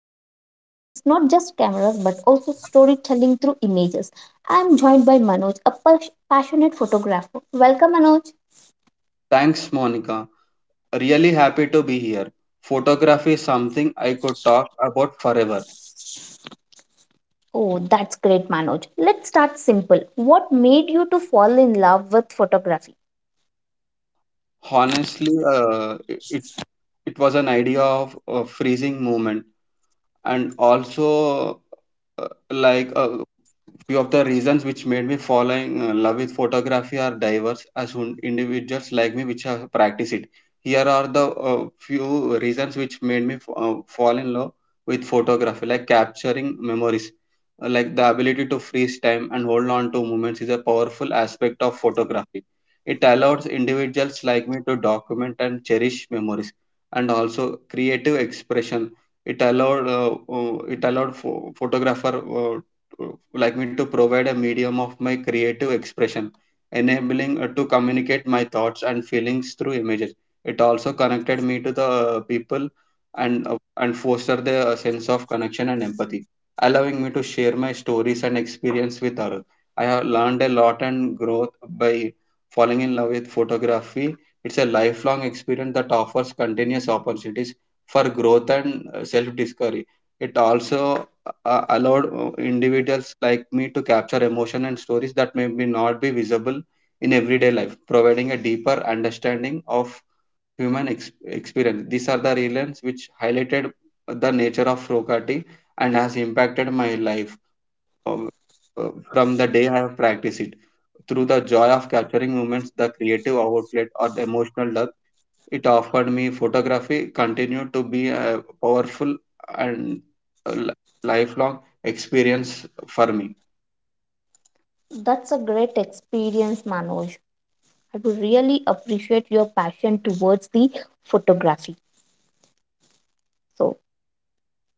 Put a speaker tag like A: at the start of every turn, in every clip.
A: photography. It's not just cameras but also storytelling through images. I am joined by Manoj, a passionate photographer. Welcome Manoj.
B: Thanks, Monica. Really happy to be here. Photography is something I could talk about forever.
A: Oh, that's great Manoj. Let's start simple. What made you to fall in love with photography?
B: Honestly, it was an idea of a freezing moment, and also uh, like uh, few of the reasons which made me falling in love with photography are diverse as individuals like me which have practiced it. Here are the few reasons which made me fall in love with photography, like capturing memories. Like, the ability to freeze time and hold on to moments is a powerful aspect of photography. It allows individuals like me to document and cherish memories, and also creative expression. It allowed photographer, uh, like me, to provide a medium of my creative expression, enabling to communicate my thoughts and feelings through images. It also connected me to the people, and foster the sense of connection and empathy, allowing me to share my stories and experience with others. I have learned a lot and growth by falling in love with photography. It's a lifelong experience that offers continuous opportunities for growth and self discovery. It also allowed individuals like me to capture emotion and stories that may be not be visible in everyday life, providing a deeper understanding of human experience. These are the realms which highlighted the nature of Rokati and has impacted my life um, from the day I have practiced it. Through the joy of capturing moments, the creative outlet, or the emotional depth it offered me, photography continued to be a powerful and a li- lifelong experience for me.
A: That's a great experience Manoj. I would really appreciate your passion towards the photography. So,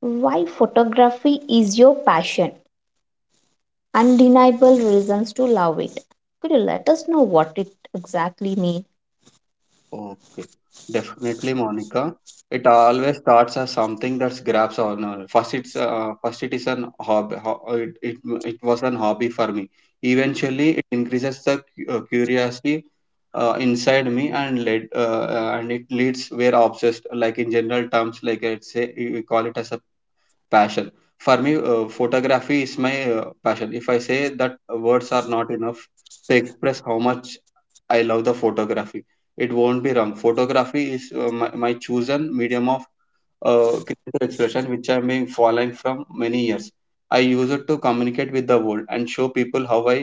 A: why photography is your passion? Undeniable reasons to love it. Could you let us know what it exactly means?
B: Okay, definitely, Monica. It always starts as something that grabs on. First, it is an hobby. It was an hobby for me. Eventually, it increases the curiosity inside me, and led and it leads where obsessed. Like, in general terms, like I'd say, we call it as a passion. For me, photography is my passion. If I say that, words are not enough to express how much I love the photography. It won't be wrong, photography is my chosen medium of creative expression, which I've been following from many years. I use it to communicate with the world and show people how I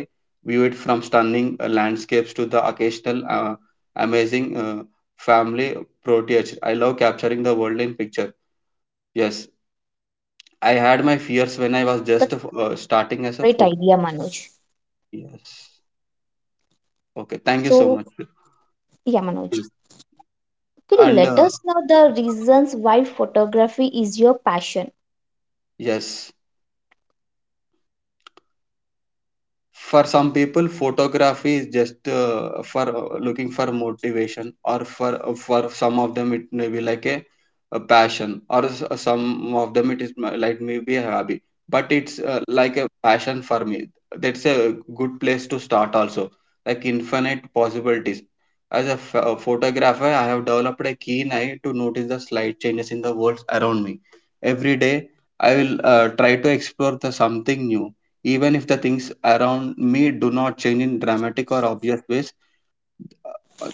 B: view it, from stunning landscapes to the occasional amazing family proteage. I love capturing the world in
A: Okay,
B: picture.
A: so you love
B: Yes,
A: capturing the world in
B: I had
A: pictures.
B: my fears
A: That's
B: when I was
A: great.
B: just
A: That's
B: starting
A: your
B: as a
A: great
B: photo.
A: idea, Manoj.
B: Yes. Okay. Thank you so
A: So,
B: much.
A: yeah, Manoj, could you
B: And
A: let us know the reasons why photography is your passion?
B: yes. For some people, photography is just for looking for motivation, or for some of them it may be like a passion, or some of them it is like maybe a hobby. But it's like a passion for me. That's a good place to start also. Like, infinite possibilities. As a photographer, I have developed a keen eye to notice the slight changes in the world around me. Every day, I will try to explore the something new, even if the things around me do not change in dramatic or obvious ways.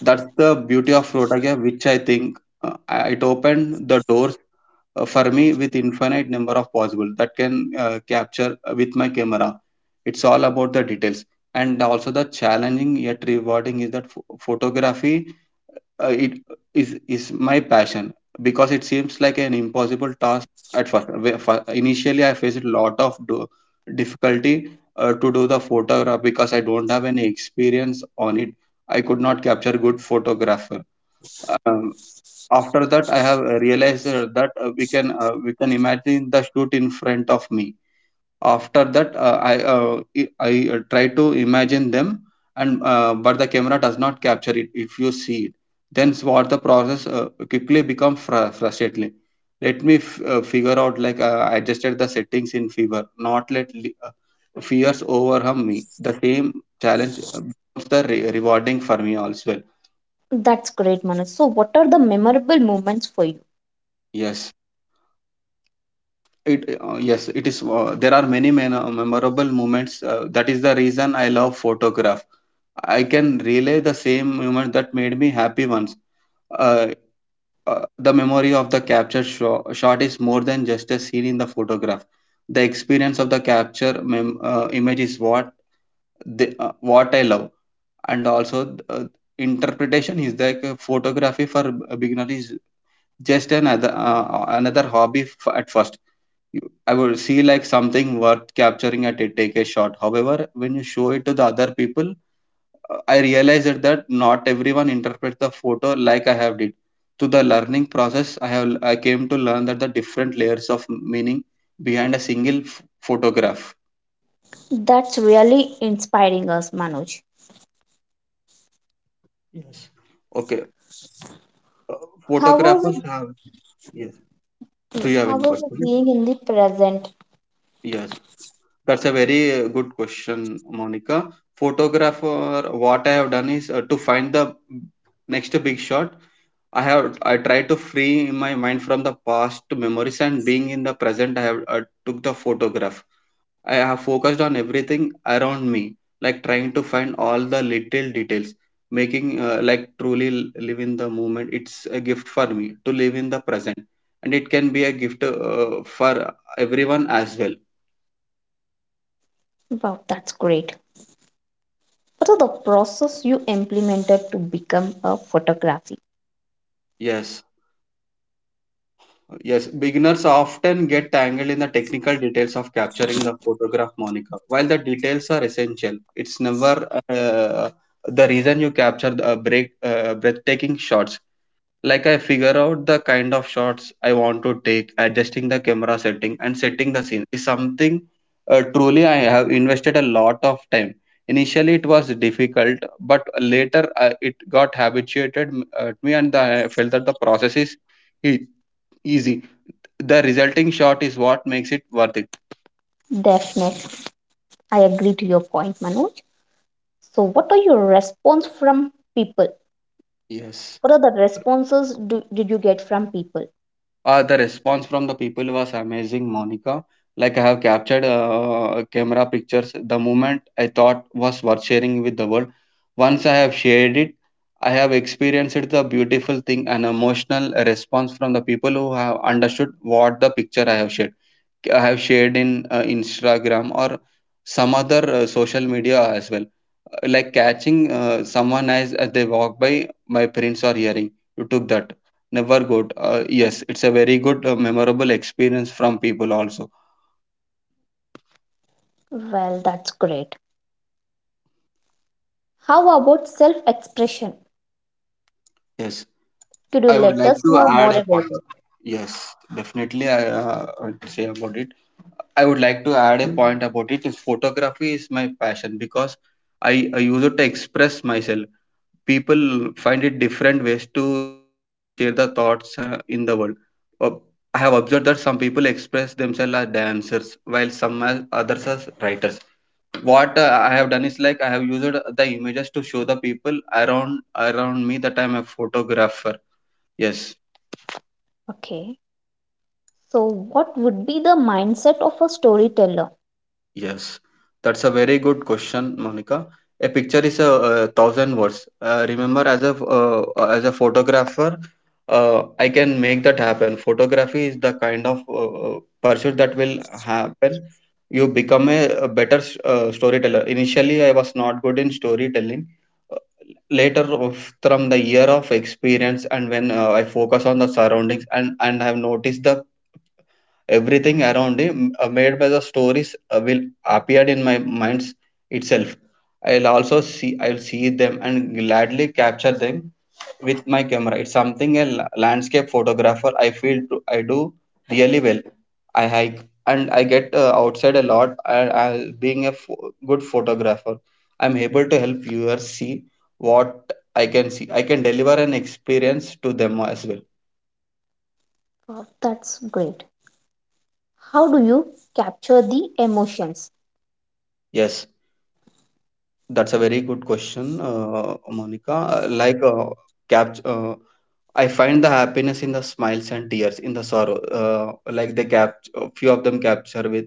B: That's the beauty of photography, which I think it opened the doors for me with infinite number of possible that can capture with my camera. It's all about the details, and also the challenging yet rewarding is that photography it is my passion because it seems like an impossible task at first. Initially, I faced a lot of difficulty to do the photograph because I don't have any experience on it. I could not capture good photographer. Um, After that, I have realized that we can imagine the shoot in front of me. After that, I try to imagine them, and but the camera does not capture it. If you see it, then what the process quickly become frustratingly. Let me figure out, like, I adjusted the settings in fever, not let fears overwhelm me. The same challenge becomes the rewarding for me also well.
A: That's great, Manoj. So, what are the memorable moments for you?
B: yes it yes, it is, there are many memorable moments. That is the reason I love photography. I can relay the same moment that made me happy once. Uh, the memory of the capture shot is more than just a scene in the photograph. The experience of the capture image is what what I love, and also interpretation is like a photography for a beginner is just another hobby at first. I would see like something worth capturing at it, take a shot. However, when you show it to the other people, I realized that not everyone interprets the photo like I have did. Through the learning process, I came to learn that the different layers of meaning behind a single photograph.
A: That's really inspiring us, Manoj.
B: Yes. Okay, uh,
A: How
B: photographers
A: was
B: have yes.
A: it?
B: Do
A: Yes,
B: you have
A: how
B: any
A: was it
B: questions?
A: being in the present?
B: Yes, that's a very good question, Monica. Photographer, what I have done is to find the next big shot. I try to free my mind from the past memories, and being in the present, I took the photograph. I have focused on everything around me, like trying to find all the little details, making like truly live in the moment. It's a gift for me to live in the present, and it can be a gift for everyone as well.
A: Wow, that's great. What are the process you implemented to become a photography?
B: Yes. Yes, beginners often get tangled in the technical details of capturing the photograph, Monica. While the details are essential, it's never the reason you capture the breathtaking shots. Like, I figure out the kind of shots I want to take. Adjusting the camera setting and setting the scene is something truly I have invested a lot of time. Initially, it was difficult, but later it got habituated to me, and I felt that the process is e- easy. The resulting shot is what makes it worth it.
A: Definitely. I agree to your point, Manoj. So what are your response from people?
B: Yes.
A: What are the did you get from people?
B: The response from the people was amazing, Monica. Like, I have captured camera pictures, the moment I thought was worth sharing with the world. Once I have shared it, I have experienced the beautiful thing and emotional response from the people who have understood what the picture I have shared. I have shared in Instagram or some other social media as well. Like, catching as they walk by, my parents are hearing, you took that. Never good. Yes, it's a very good, memorable experience from people also.
A: Well, that's great. How about self-expression?
B: Yes,
A: Could you
B: I would
A: let
B: like
A: us
B: to
A: know more
B: add a
A: about
B: point.
A: it?
B: Yes, definitely. I would say about it. I would like to add a point about it. Is photography is my passion because I use it to express myself. People find it different ways to share the thoughts in the world. Uh, I have observed that some people express themselves as dancers, while some as others as writers. What I have done is, like, I have used the images to show the people around me that I'm a photographer. Yes.
A: Okay. So what would be the mindset of a storyteller?
B: Yes, that's a very good question, Monica. A picture is a, thousand words. Remember, as a photographer, I can make that happen. Photography is the kind of pursuit that will happen. You become a better storyteller. Initially, I was not good in storytelling. Later, from the year of experience, and when I focus on the surroundings, and have noticed the everything around him made by the stories will appear in my minds itself. I'll also see, I'll see them and gladly capture them with my camera. It's something a landscape photographer I feel to, I do really well. I hike and I get outside a lot, and I, being a good photographer, I'm able to help viewers see what I can see. I can deliver an experience to them as well.
A: Wow, that's great. How do you capture the emotions?
B: Yes. That's a very good question, Monica. Cap, uh, I find the happiness in the smiles and tears, in the sorrow. Like, they cap, a few of them capture with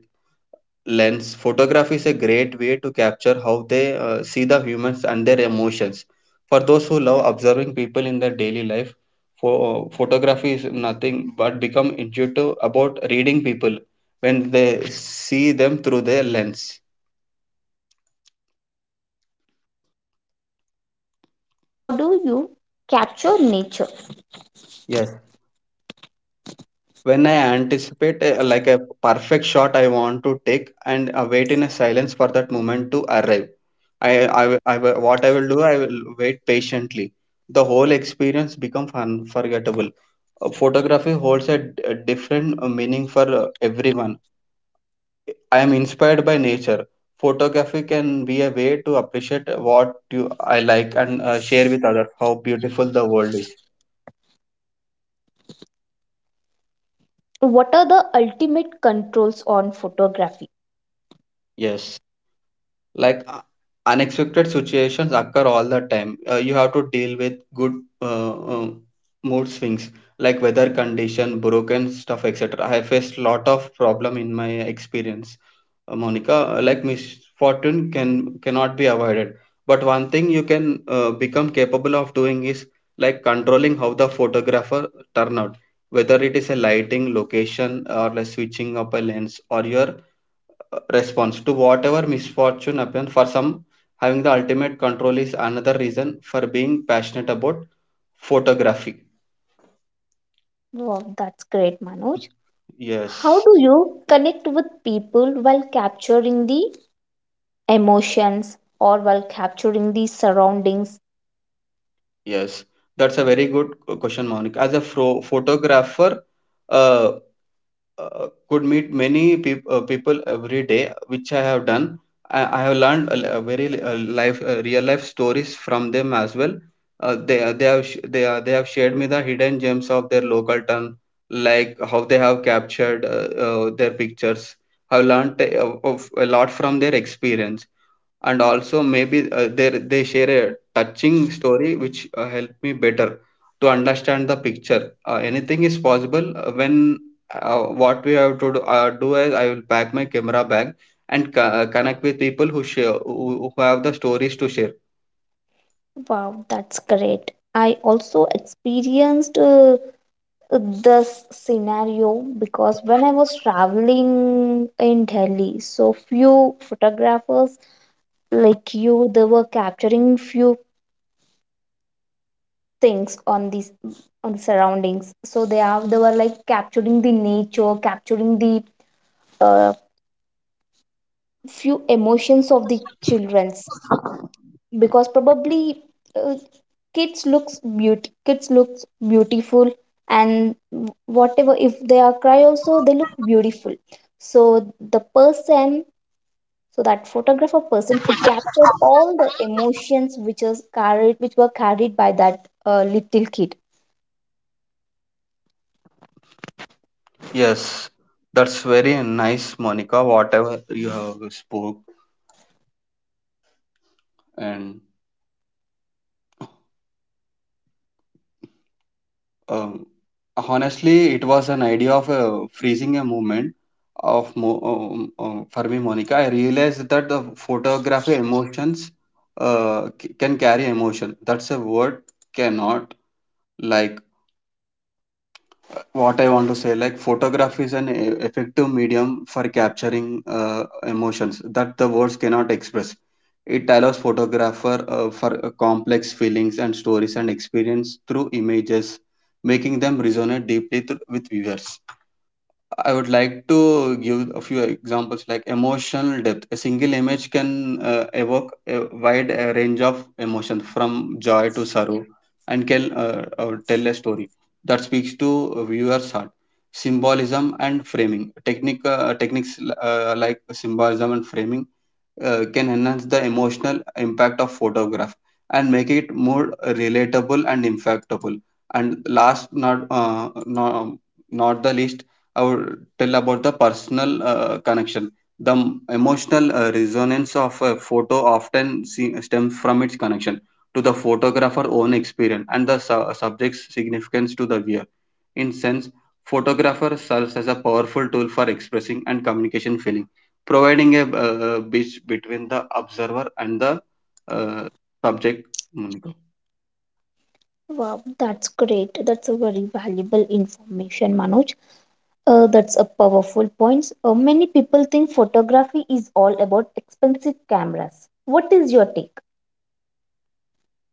B: lens. Photography is a great way to capture how they see the humans and their emotions. For those who love observing people in their daily life, photography is nothing but become intuitive about reading people when they see them through their lens.
A: Okay, that's great. How do you capture nature?
B: Yes. When I anticipate a, like a perfect shot I want to take, and wait in a silence for that moment to arrive. I, what I will do, I will wait patiently. The whole experience becomes unforgettable. Photography holds a different meaning for everyone. I am inspired by nature. Photography can be a way to appreciate what you I like and share with others how beautiful the world is.
A: What are the ultimate controls on photography?
B: Yes. Like, unexpected situations occur all the time. You have to deal with good uh, uh, mood swings, like weather condition, broken stuff, etc. I faced lot of problem in my experience. Monica, like misfortune cannot be avoided, but one thing you can become capable of doing is like controlling how the photographer turn out, whether it is a lighting location or like switching up a lens, or your response to whatever misfortune happens. For some, having the ultimate control is another reason for being passionate about photography.
A: Wow, that's great, Manoj. How
B: yes
A: do you connect with people while capturing the emotions or while capturing the surroundings?
B: yes That's a very good question, Monica. As a photographer, uh, could meet many peop- people every day, which I have done. I have learned a life, real life stories from them as well. They they have sh- they are, they have shared me the hidden gems of their local town, like how they have captured their pictures. I've learned of a lot from their experience, and also maybe they share a touching story which help me better to understand the picture. Anything is possible when what we have to do, do is I will pack my camera bag and connect with people who share, who have the stories to share.
A: Wow, that's great. I also experienced this scenario because when I was traveling in Delhi, so few photographers like you, they were capturing few things on these on the surroundings. So they were like capturing the nature, capturing the uh, few emotions of the childrens, because probably uh, kids looks beauty, kids looks beautiful. And whatever, if they are cry also, they look beautiful. so the person so that photographer person he captured all the emotions which was carried which were carried by that little kid.
B: Yes, that's very nice, Monica, whatever you have spoke. And Um, honestly, it was an idea of freezing a moment for me, Monica. I realized that the photography emotions can carry emotion. That's a word cannot. Like,
A: Well, that's great, Manoj.
B: what I want to say, like photography is an effective medium for capturing emotions that the words cannot express. It allows photographer for complex feelings and stories and experience through images, making them resonate deeply with viewers. I would like to give a few examples, like emotional depth. A single image can evoke a wide range of emotions, from joy to sorrow, and can tell a story that speaks to a viewer's heart. Symbolism and framing. Techniques like symbolism and framing can enhance the emotional impact of photograph and make it more relatable and impactable. And last, not the least, I would tell about the personal connection. The emotional resonance of a photo often stems from its connection to the photographer's own experience and the subject's significance to the viewer. In sense, photographer serves as a powerful tool for expressing and communication feeling, providing a bridge between the observer and the uh, subject. Monica.
A: Wow, that's great. That's a very valuable information, Manoj. That's a powerful point. Many people think photography is all about expensive cameras. What is your take?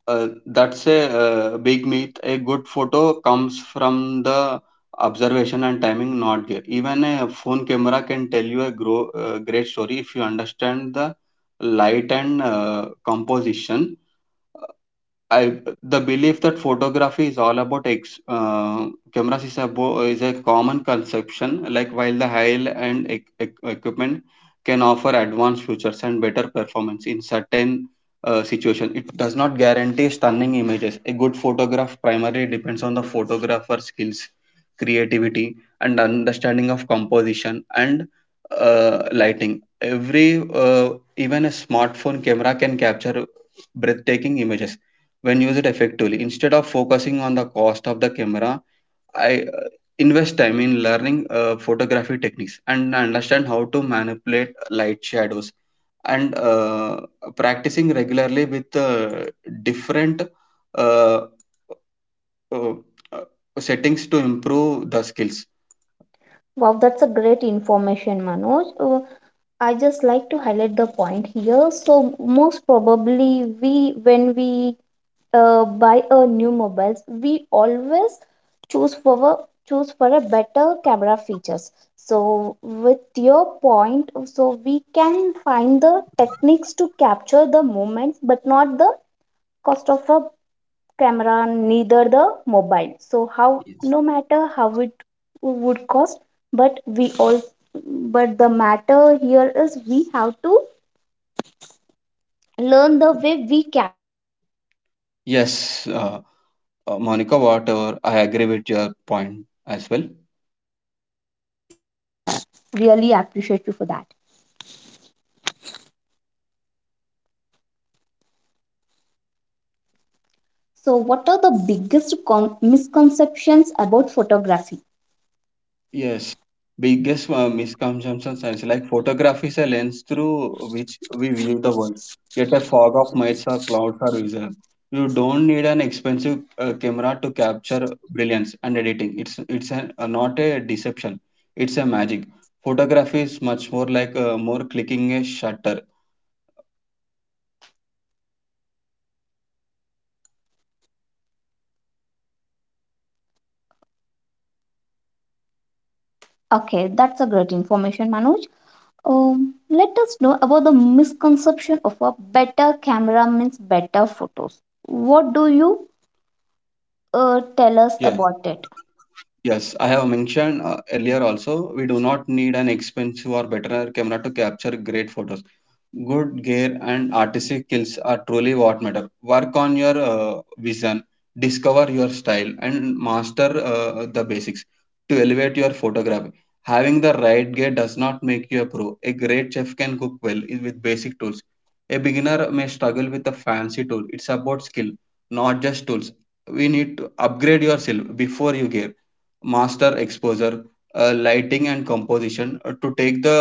B: That's a big myth. A good photo comes from the observation and timing, not gear. Even a phone camera can tell you a great story if you understand the light and composition. I, the belief that photography is all about cameras is a is a common conception. Like, while the high and equipment can offer advanced features and better performance in certain situation, it does not guarantee stunning images. A good photograph primarily depends on the photographer's skills, creativity, and understanding of composition and lighting. Every even a smartphone camera can capture breathtaking images when used effectively. Instead of focusing on the cost of the camera, I invest time in learning photography techniques and understand how to manipulate light shadows and practicing regularly with different uh, uh, uh, settings to improve the skills.
A: Wow, that's a great information, Manoj. I just like to highlight the point here. So most probably we when we buy a new mobiles, we always choose for a, choose for a better camera features. So with your point, so we can find the techniques to capture the moments, but not the cost of a camera, neither the mobile. So how, no matter how it would cost, but we all but the matter here is we have to learn the way we capture the
B: Yes,
A: pictures, we capture the
B: Monica,
A: moments.
B: whatever, I agree with your point as well.
A: That's a great information, Manoj, and I really appreciate you for that. So, what are the biggest misconceptions about photography?
B: Yes, biggest misconceptions is like photography is a lens through which we view the world. Yet a fog of mists or clouds are visible. You don't need an expensive camera to capture brilliance, and editing, it's not a deception. It's a magic. Photography is much more like more clicking a shutter.
A: Okay, that's a great information, Manoj. Let us know about the misconception of a better camera means better photos. What do you
B: Yes,
A: tell us about it?
B: yes. I have mentioned earlier also. We do not need an expensive or better camera to capture great photos. Good gear and artistic skills are truly what matter. Work on your vision, discover your style, and master the basics to elevate your photography. Having the right gear does not make you a pro. A great chef can cook well with basic tools. A beginner may struggle with a fancy tool. It's about skill, not just tools. We need to upgrade yourself before you gear. Master exposure, lighting, and composition to take the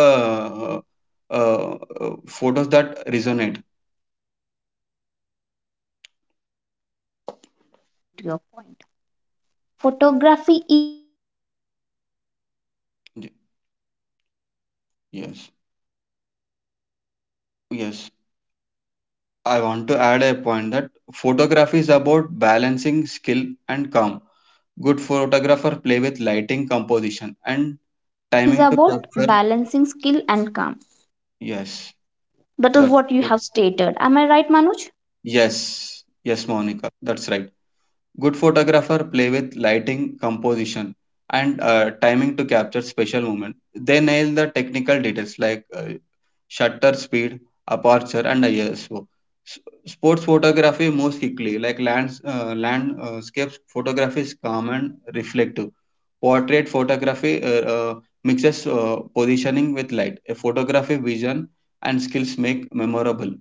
B: uh, photos that resonate.
A: Yes, Manoj, exactly. I do agree to your point. Photography is easy, just like the button.
B: Y-
A: Is it that much easy?
B: Yes, yes. I want to add a point that photography is about balancing skill and calm. Good photographer play with lighting,
A: So,
B: composition, and
A: photography is
B: timing to
A: about
B: capture.
A: balancing skill and calm.
B: Yes,
A: That is
B: that's
A: what you have stated. Am I right, Manoj?
B: yes, yes, Monica. That's right. Good photographer play with lighting, composition, and timing to capture special moment. They nail the technical details like shutter speed, aperture, and ISO. S- Sports photography moves quickly, like landscapes photography is calm and reflective. Portrait photography mixes positioning with light. A photography vision and skills make memorable.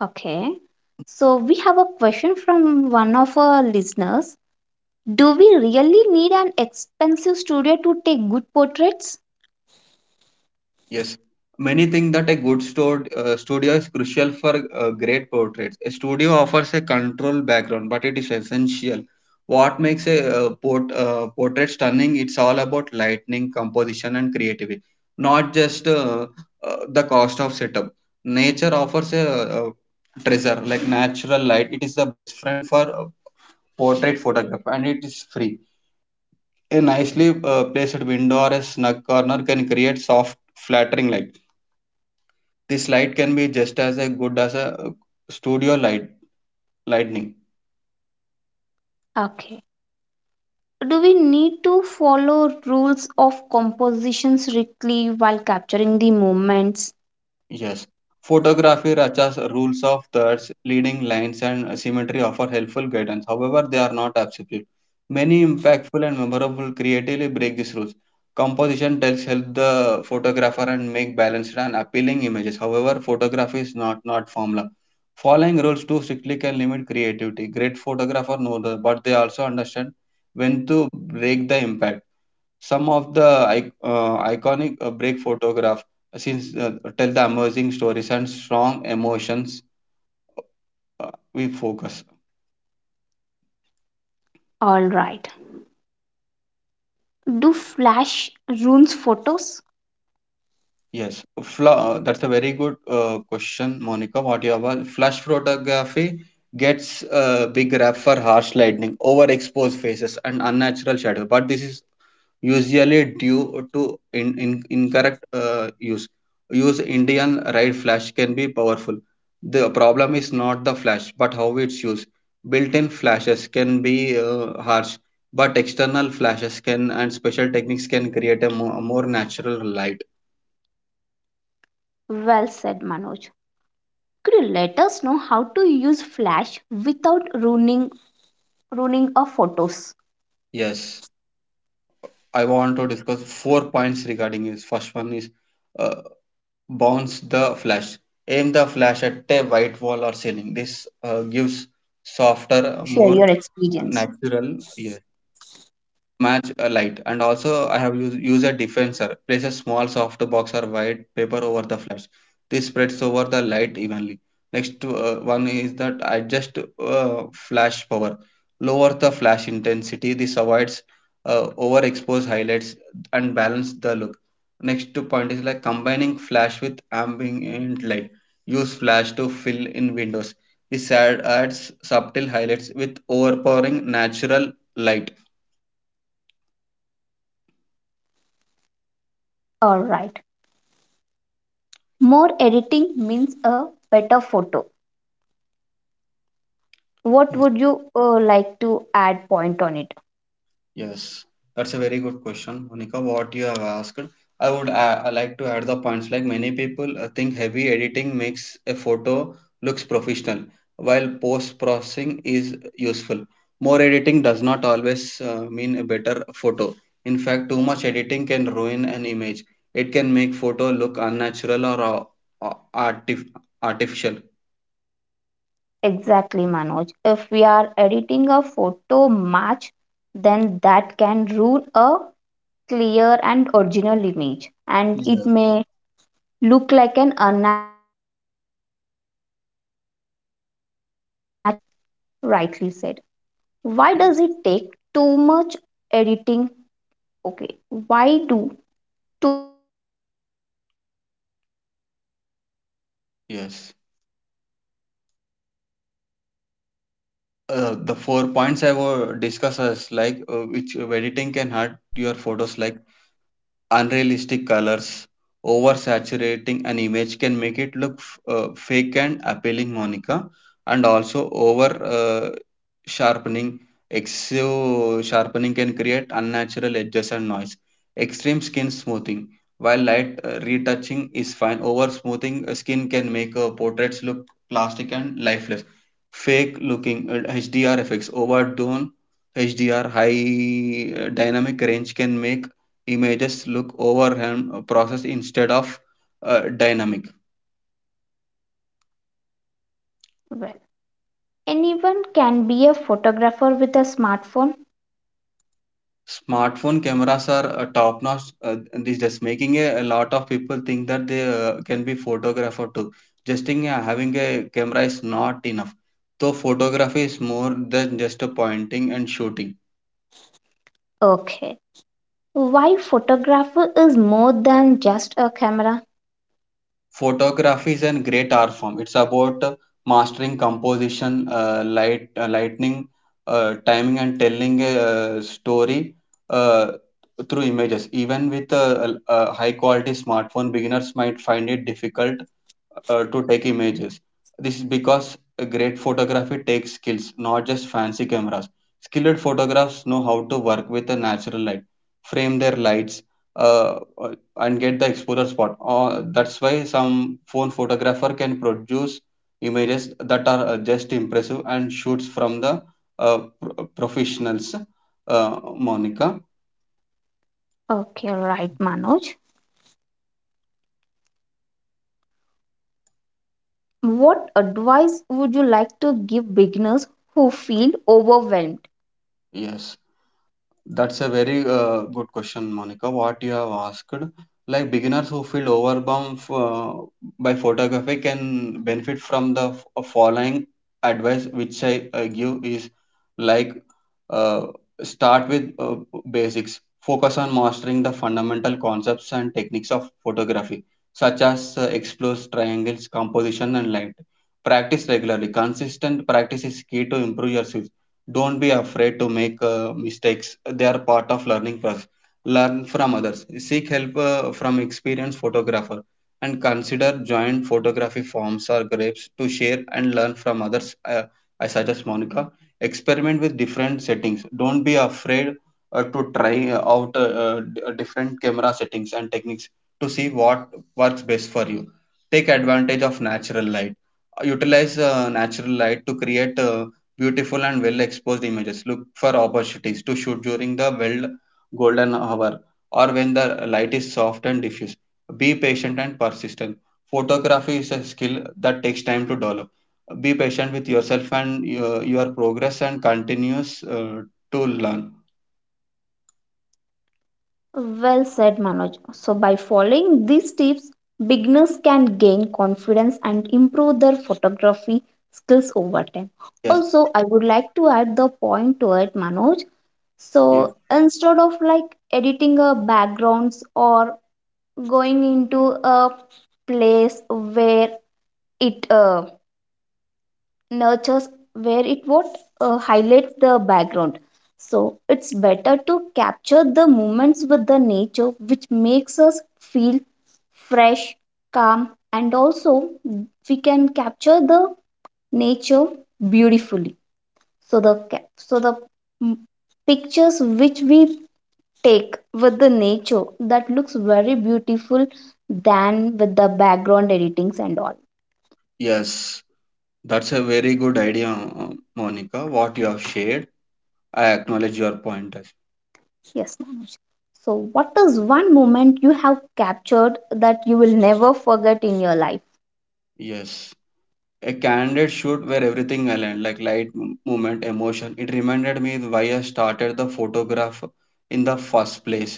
A: Okay. So, we have a question from one of our listeners. Do we really need an expensive studio to take good portraits?
B: Yes, many think that a studio is crucial for great portraits. A studio offers a controlled background, but it is essential. What makes a portrait stunning? It's all about lighting, composition, and creativity, not just the cost of setup. Nature offers a treasure like natural light. It is the best friend for portrait photography, and it is free. A nicely placed window or a snug corner can create soft, flattering light. This light can be just as a good as a studio light lightning.
A: Okay. Do we need to follow rules of composition strictly while capturing the moments?
B: Yes. Photography Racha's rules of thirds, leading lines, and symmetry offer helpful guidance. However, they are not absolute. Many impactful and memorable creatively break these rules. Composition tells help the photographer and make balanced and appealing images. However, photography is not formula. Following rules too strictly can limit creativity. Great photographer know that, but they also understand when to break the impact. Some of the iconic break photograph since tell the amazing stories and strong emotions. uh, we focus.
A: All right. Do flash ruins photos?
B: Yes, that's a very good question, Monica. What you have flash photography gets a big rap for harsh lighting, overexposed faces, and unnatural shadows. But this is usually due to incorrect use. Use Indian right flash can be powerful. The problem is not the flash, but how it's used. Built-in flashes can be harsh, but external flashes can, and special techniques can create a more natural light.
A: Well said, Manoj. Could you let us know how to use Flash without ruining our photos?
B: Yes, I want to discuss four points regarding this. First one is uh, bounce the
A: Yes,
B: flash.
A: Manoj.
B: Aim the
A: Go
B: flash
A: ahead
B: at
A: and
B: a
A: share
B: white
A: the
B: wall or
A: valuable
B: ceiling. This
A: information with us.
B: gives
A: Also,
B: softer,
A: share
B: more
A: your experience.
B: natural. Air match a light. And also I have used a defenser. Place a small soft box or white paper over the flash. This spreads over the light evenly. Next one is that adjust flash power. Lower the flash intensity. This avoids overexposed highlights and balance the look. Next two point is like combining flash with ambient light. Use flash to fill in windows. Adds subtle highlights with overpowering natural light.
A: All right. More editing means a better photo. What
B: Yes.
A: would you like to add point on it?
B: Yes, that's a very good question, Monica. What you have asked, I like to add the points. Like many people think heavy editing makes a photo looks professional, while post processing is useful. More editing does not always mean a better photo. In fact, too much editing can ruin an image. It can make photo look unnatural or uh, artif- artificial.
A: Exactly, Manoj. If we are editing a photo match, then that can ruin a clear and original image, and
B: Yeah.
A: it may look like an unnatural or artificial. It doesn't look like a natural photo, rightly said. Why does
B: Yes.
A: it take too much editing? Okay, why do too much editing can hurt your photos?
B: Yes.
A: What are the reasons
B: The
A: for it?
B: four
A: What
B: points I
A: are the
B: were discussed
A: effects
B: is
A: on it?
B: like which editing can hurt your photos, like unrealistic colors, oversaturating an image can make it look fake and appealing, Monica, and also over sharpening. Excessive sharpening can create unnatural edges and noise. Extreme skin smoothing. While light retouching is fine, over smoothing skin can make portraits look plastic and lifeless. Fake looking HDR effects, overdone HDR high dynamic range can make images look overwhelmed process instead of dynamic.
A: Well, anyone can be a photographer with a smartphone.
B: Smartphone cameras are top notch these days, making a lot of people think that they can be photographer too. Just having a camera is not enough, so photography is more than just a pointing and shooting.
A: Okay. Why photographer is more than just a camera?
B: Photography is a great art form. It's about mastering composition, light, lightning, timing and telling a story uh, through images. Even with a high quality smartphone, beginners might find it difficult to take images. This is because a great photography takes skills, not just fancy cameras. Skilled photographers know how to work with the natural light, frame their lights, uh, uh, and get the exposure spot. That's why some phone photographer can produce images that are just impressive and shoots from the professionals. Uh, Monica,
A: Okay, right, Manoj. What advice would you like to give beginners who feel overwhelmed?
B: yes. That's a very good question, Monica. What you have asked, like beginners who feel overwhelmed by photography, can benefit from the following advice, which I give is like, uh, start with basics. Focus on mastering the fundamental concepts and techniques of photography, such as explores, triangles, composition, and light. Practice regularly. Consistent practice is key to improve your skills. Don't be afraid to make mistakes, they are part of learning process. Learn from others, seek help from experienced photographer, and consider joint photography forms or groups to share and learn from others. uh, I suggest, Monica, experiment with different settings. Don't be afraid to try out different camera settings and techniques to see what works best for you. Take advantage of natural light. Utilize natural light to create beautiful and well exposed images. Look for opportunities to shoot during the well, golden hour, or when the light is soft and diffuse. Be patient and persistent. Photography is a skill that takes time to develop. Be patient with yourself and your progress and continues to learn.
A: Well said, Manoj. So, by following these tips, beginners can gain confidence and improve their photography skills over time.
B: Yes,
A: Also, I would like to add the point to it, Manoj.
B: yes,
A: So, instead of like editing a backgrounds or going into a place where it nurtures, where it what highlights the background, so it's better to capture the moments with the nature, which makes us feel fresh, calm, and also we can capture the nature beautifully. So the ca- so the mm, pictures which we take with the nature, that looks very beautiful than with the background editings and all.
B: yes. That's a very good idea, Monica. What you have shared, I acknowledge your pointers.
A: Yes, Manoj. So, what is one moment you have captured that you will never forget in your life?
B: Yes. Yes. A candid shoot where everything aligned, like light, movement, emotion. It reminded me why I started the photograph in the first place.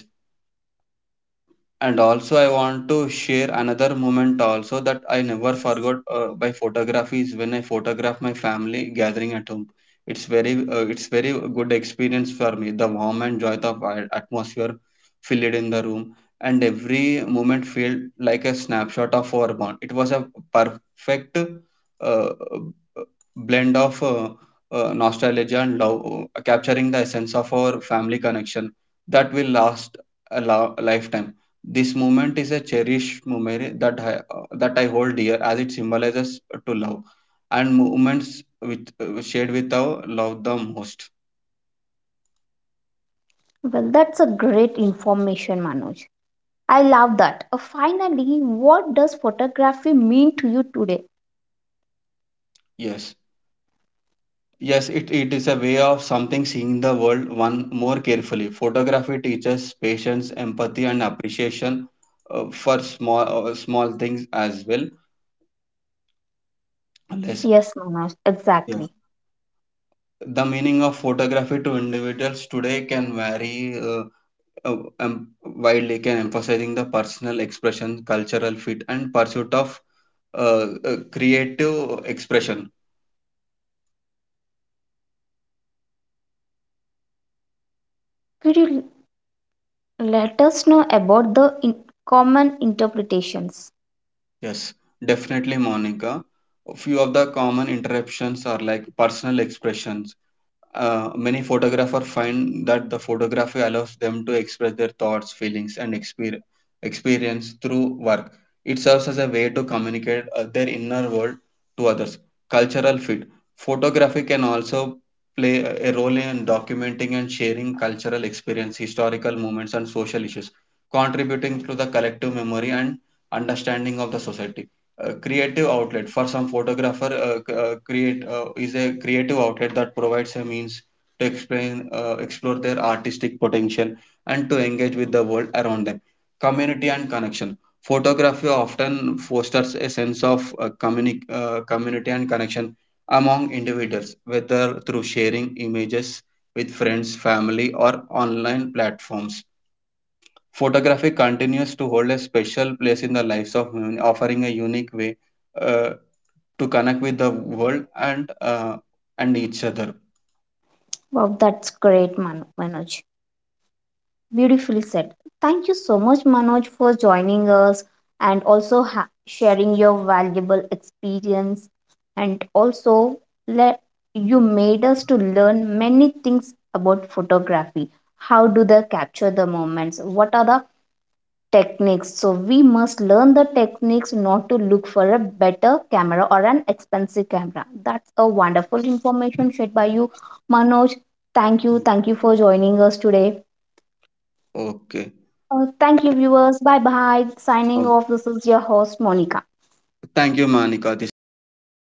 B: And also I want to share another moment also that I never forgot by photography is when I photograph my family gathering at home. It's very it's very good experience for me. The warm and joy of atmosphere filled in the room, and every moment felt like a snapshot of our bond. It was a perfect uh, blend of nostalgia and love, capturing the essence of our family connection that will last a, lifetime. This moment is a cherished memory that I hold dear, as it symbolizes to love and moments with shared with our love the most.
A: Well, that's a great information, Manoj. I love that. Finally, what does photography mean to you today?
B: Yes. Yes, it is a way of something seeing the world one more carefully. Photography teaches patience, empathy, and appreciation for small small things as well. Less.
A: Yes, Manoj, exactly.
B: The meaning of photography to individuals today can vary widely, can emphasizing the personal expression, cultural fit, and pursuit of creative expression.
A: Could you let us know about the common interpretations?
B: Yes, definitely, Monica. Few of the common interruptions are like personal expressions. Many photographers find that the photography allows them to express their thoughts, feelings, and experience through work. It serves as a way to communicate their inner world to others. Cultural fit. Photography can also play a role in documenting and sharing cultural experience, historical moments, and social issues, contributing to the collective memory and understanding of the society. Creative outlet. For some photographer, c- create is a creative outlet that provides a means to explain, explore their artistic potential and to engage with the world around them. Community and connection. Photography often fosters a sense of community and connection among individuals, whether through sharing images with friends, family, or online platforms. Photography continues to hold a special place in the lives of women, offering a unique way uh, to connect with the world and each other.
A: Wow, that's great, Manoj. Beautifully said. Thank you so much, Manoj, for joining us and also sharing your valuable experience. And also, let you made us to learn many things about photography. How do they capture the moments? What are the techniques? So we must learn the techniques, not to look for a better camera or an expensive camera. That's a wonderful information shared by you, Manoj. Thank you. Thank you for joining us today.
B: Okay.
A: Thank you, viewers. Bye bye. Signing
B: Oh,
A: off. This is your host, Monica.
B: thank you, Monica. This was a great conversation.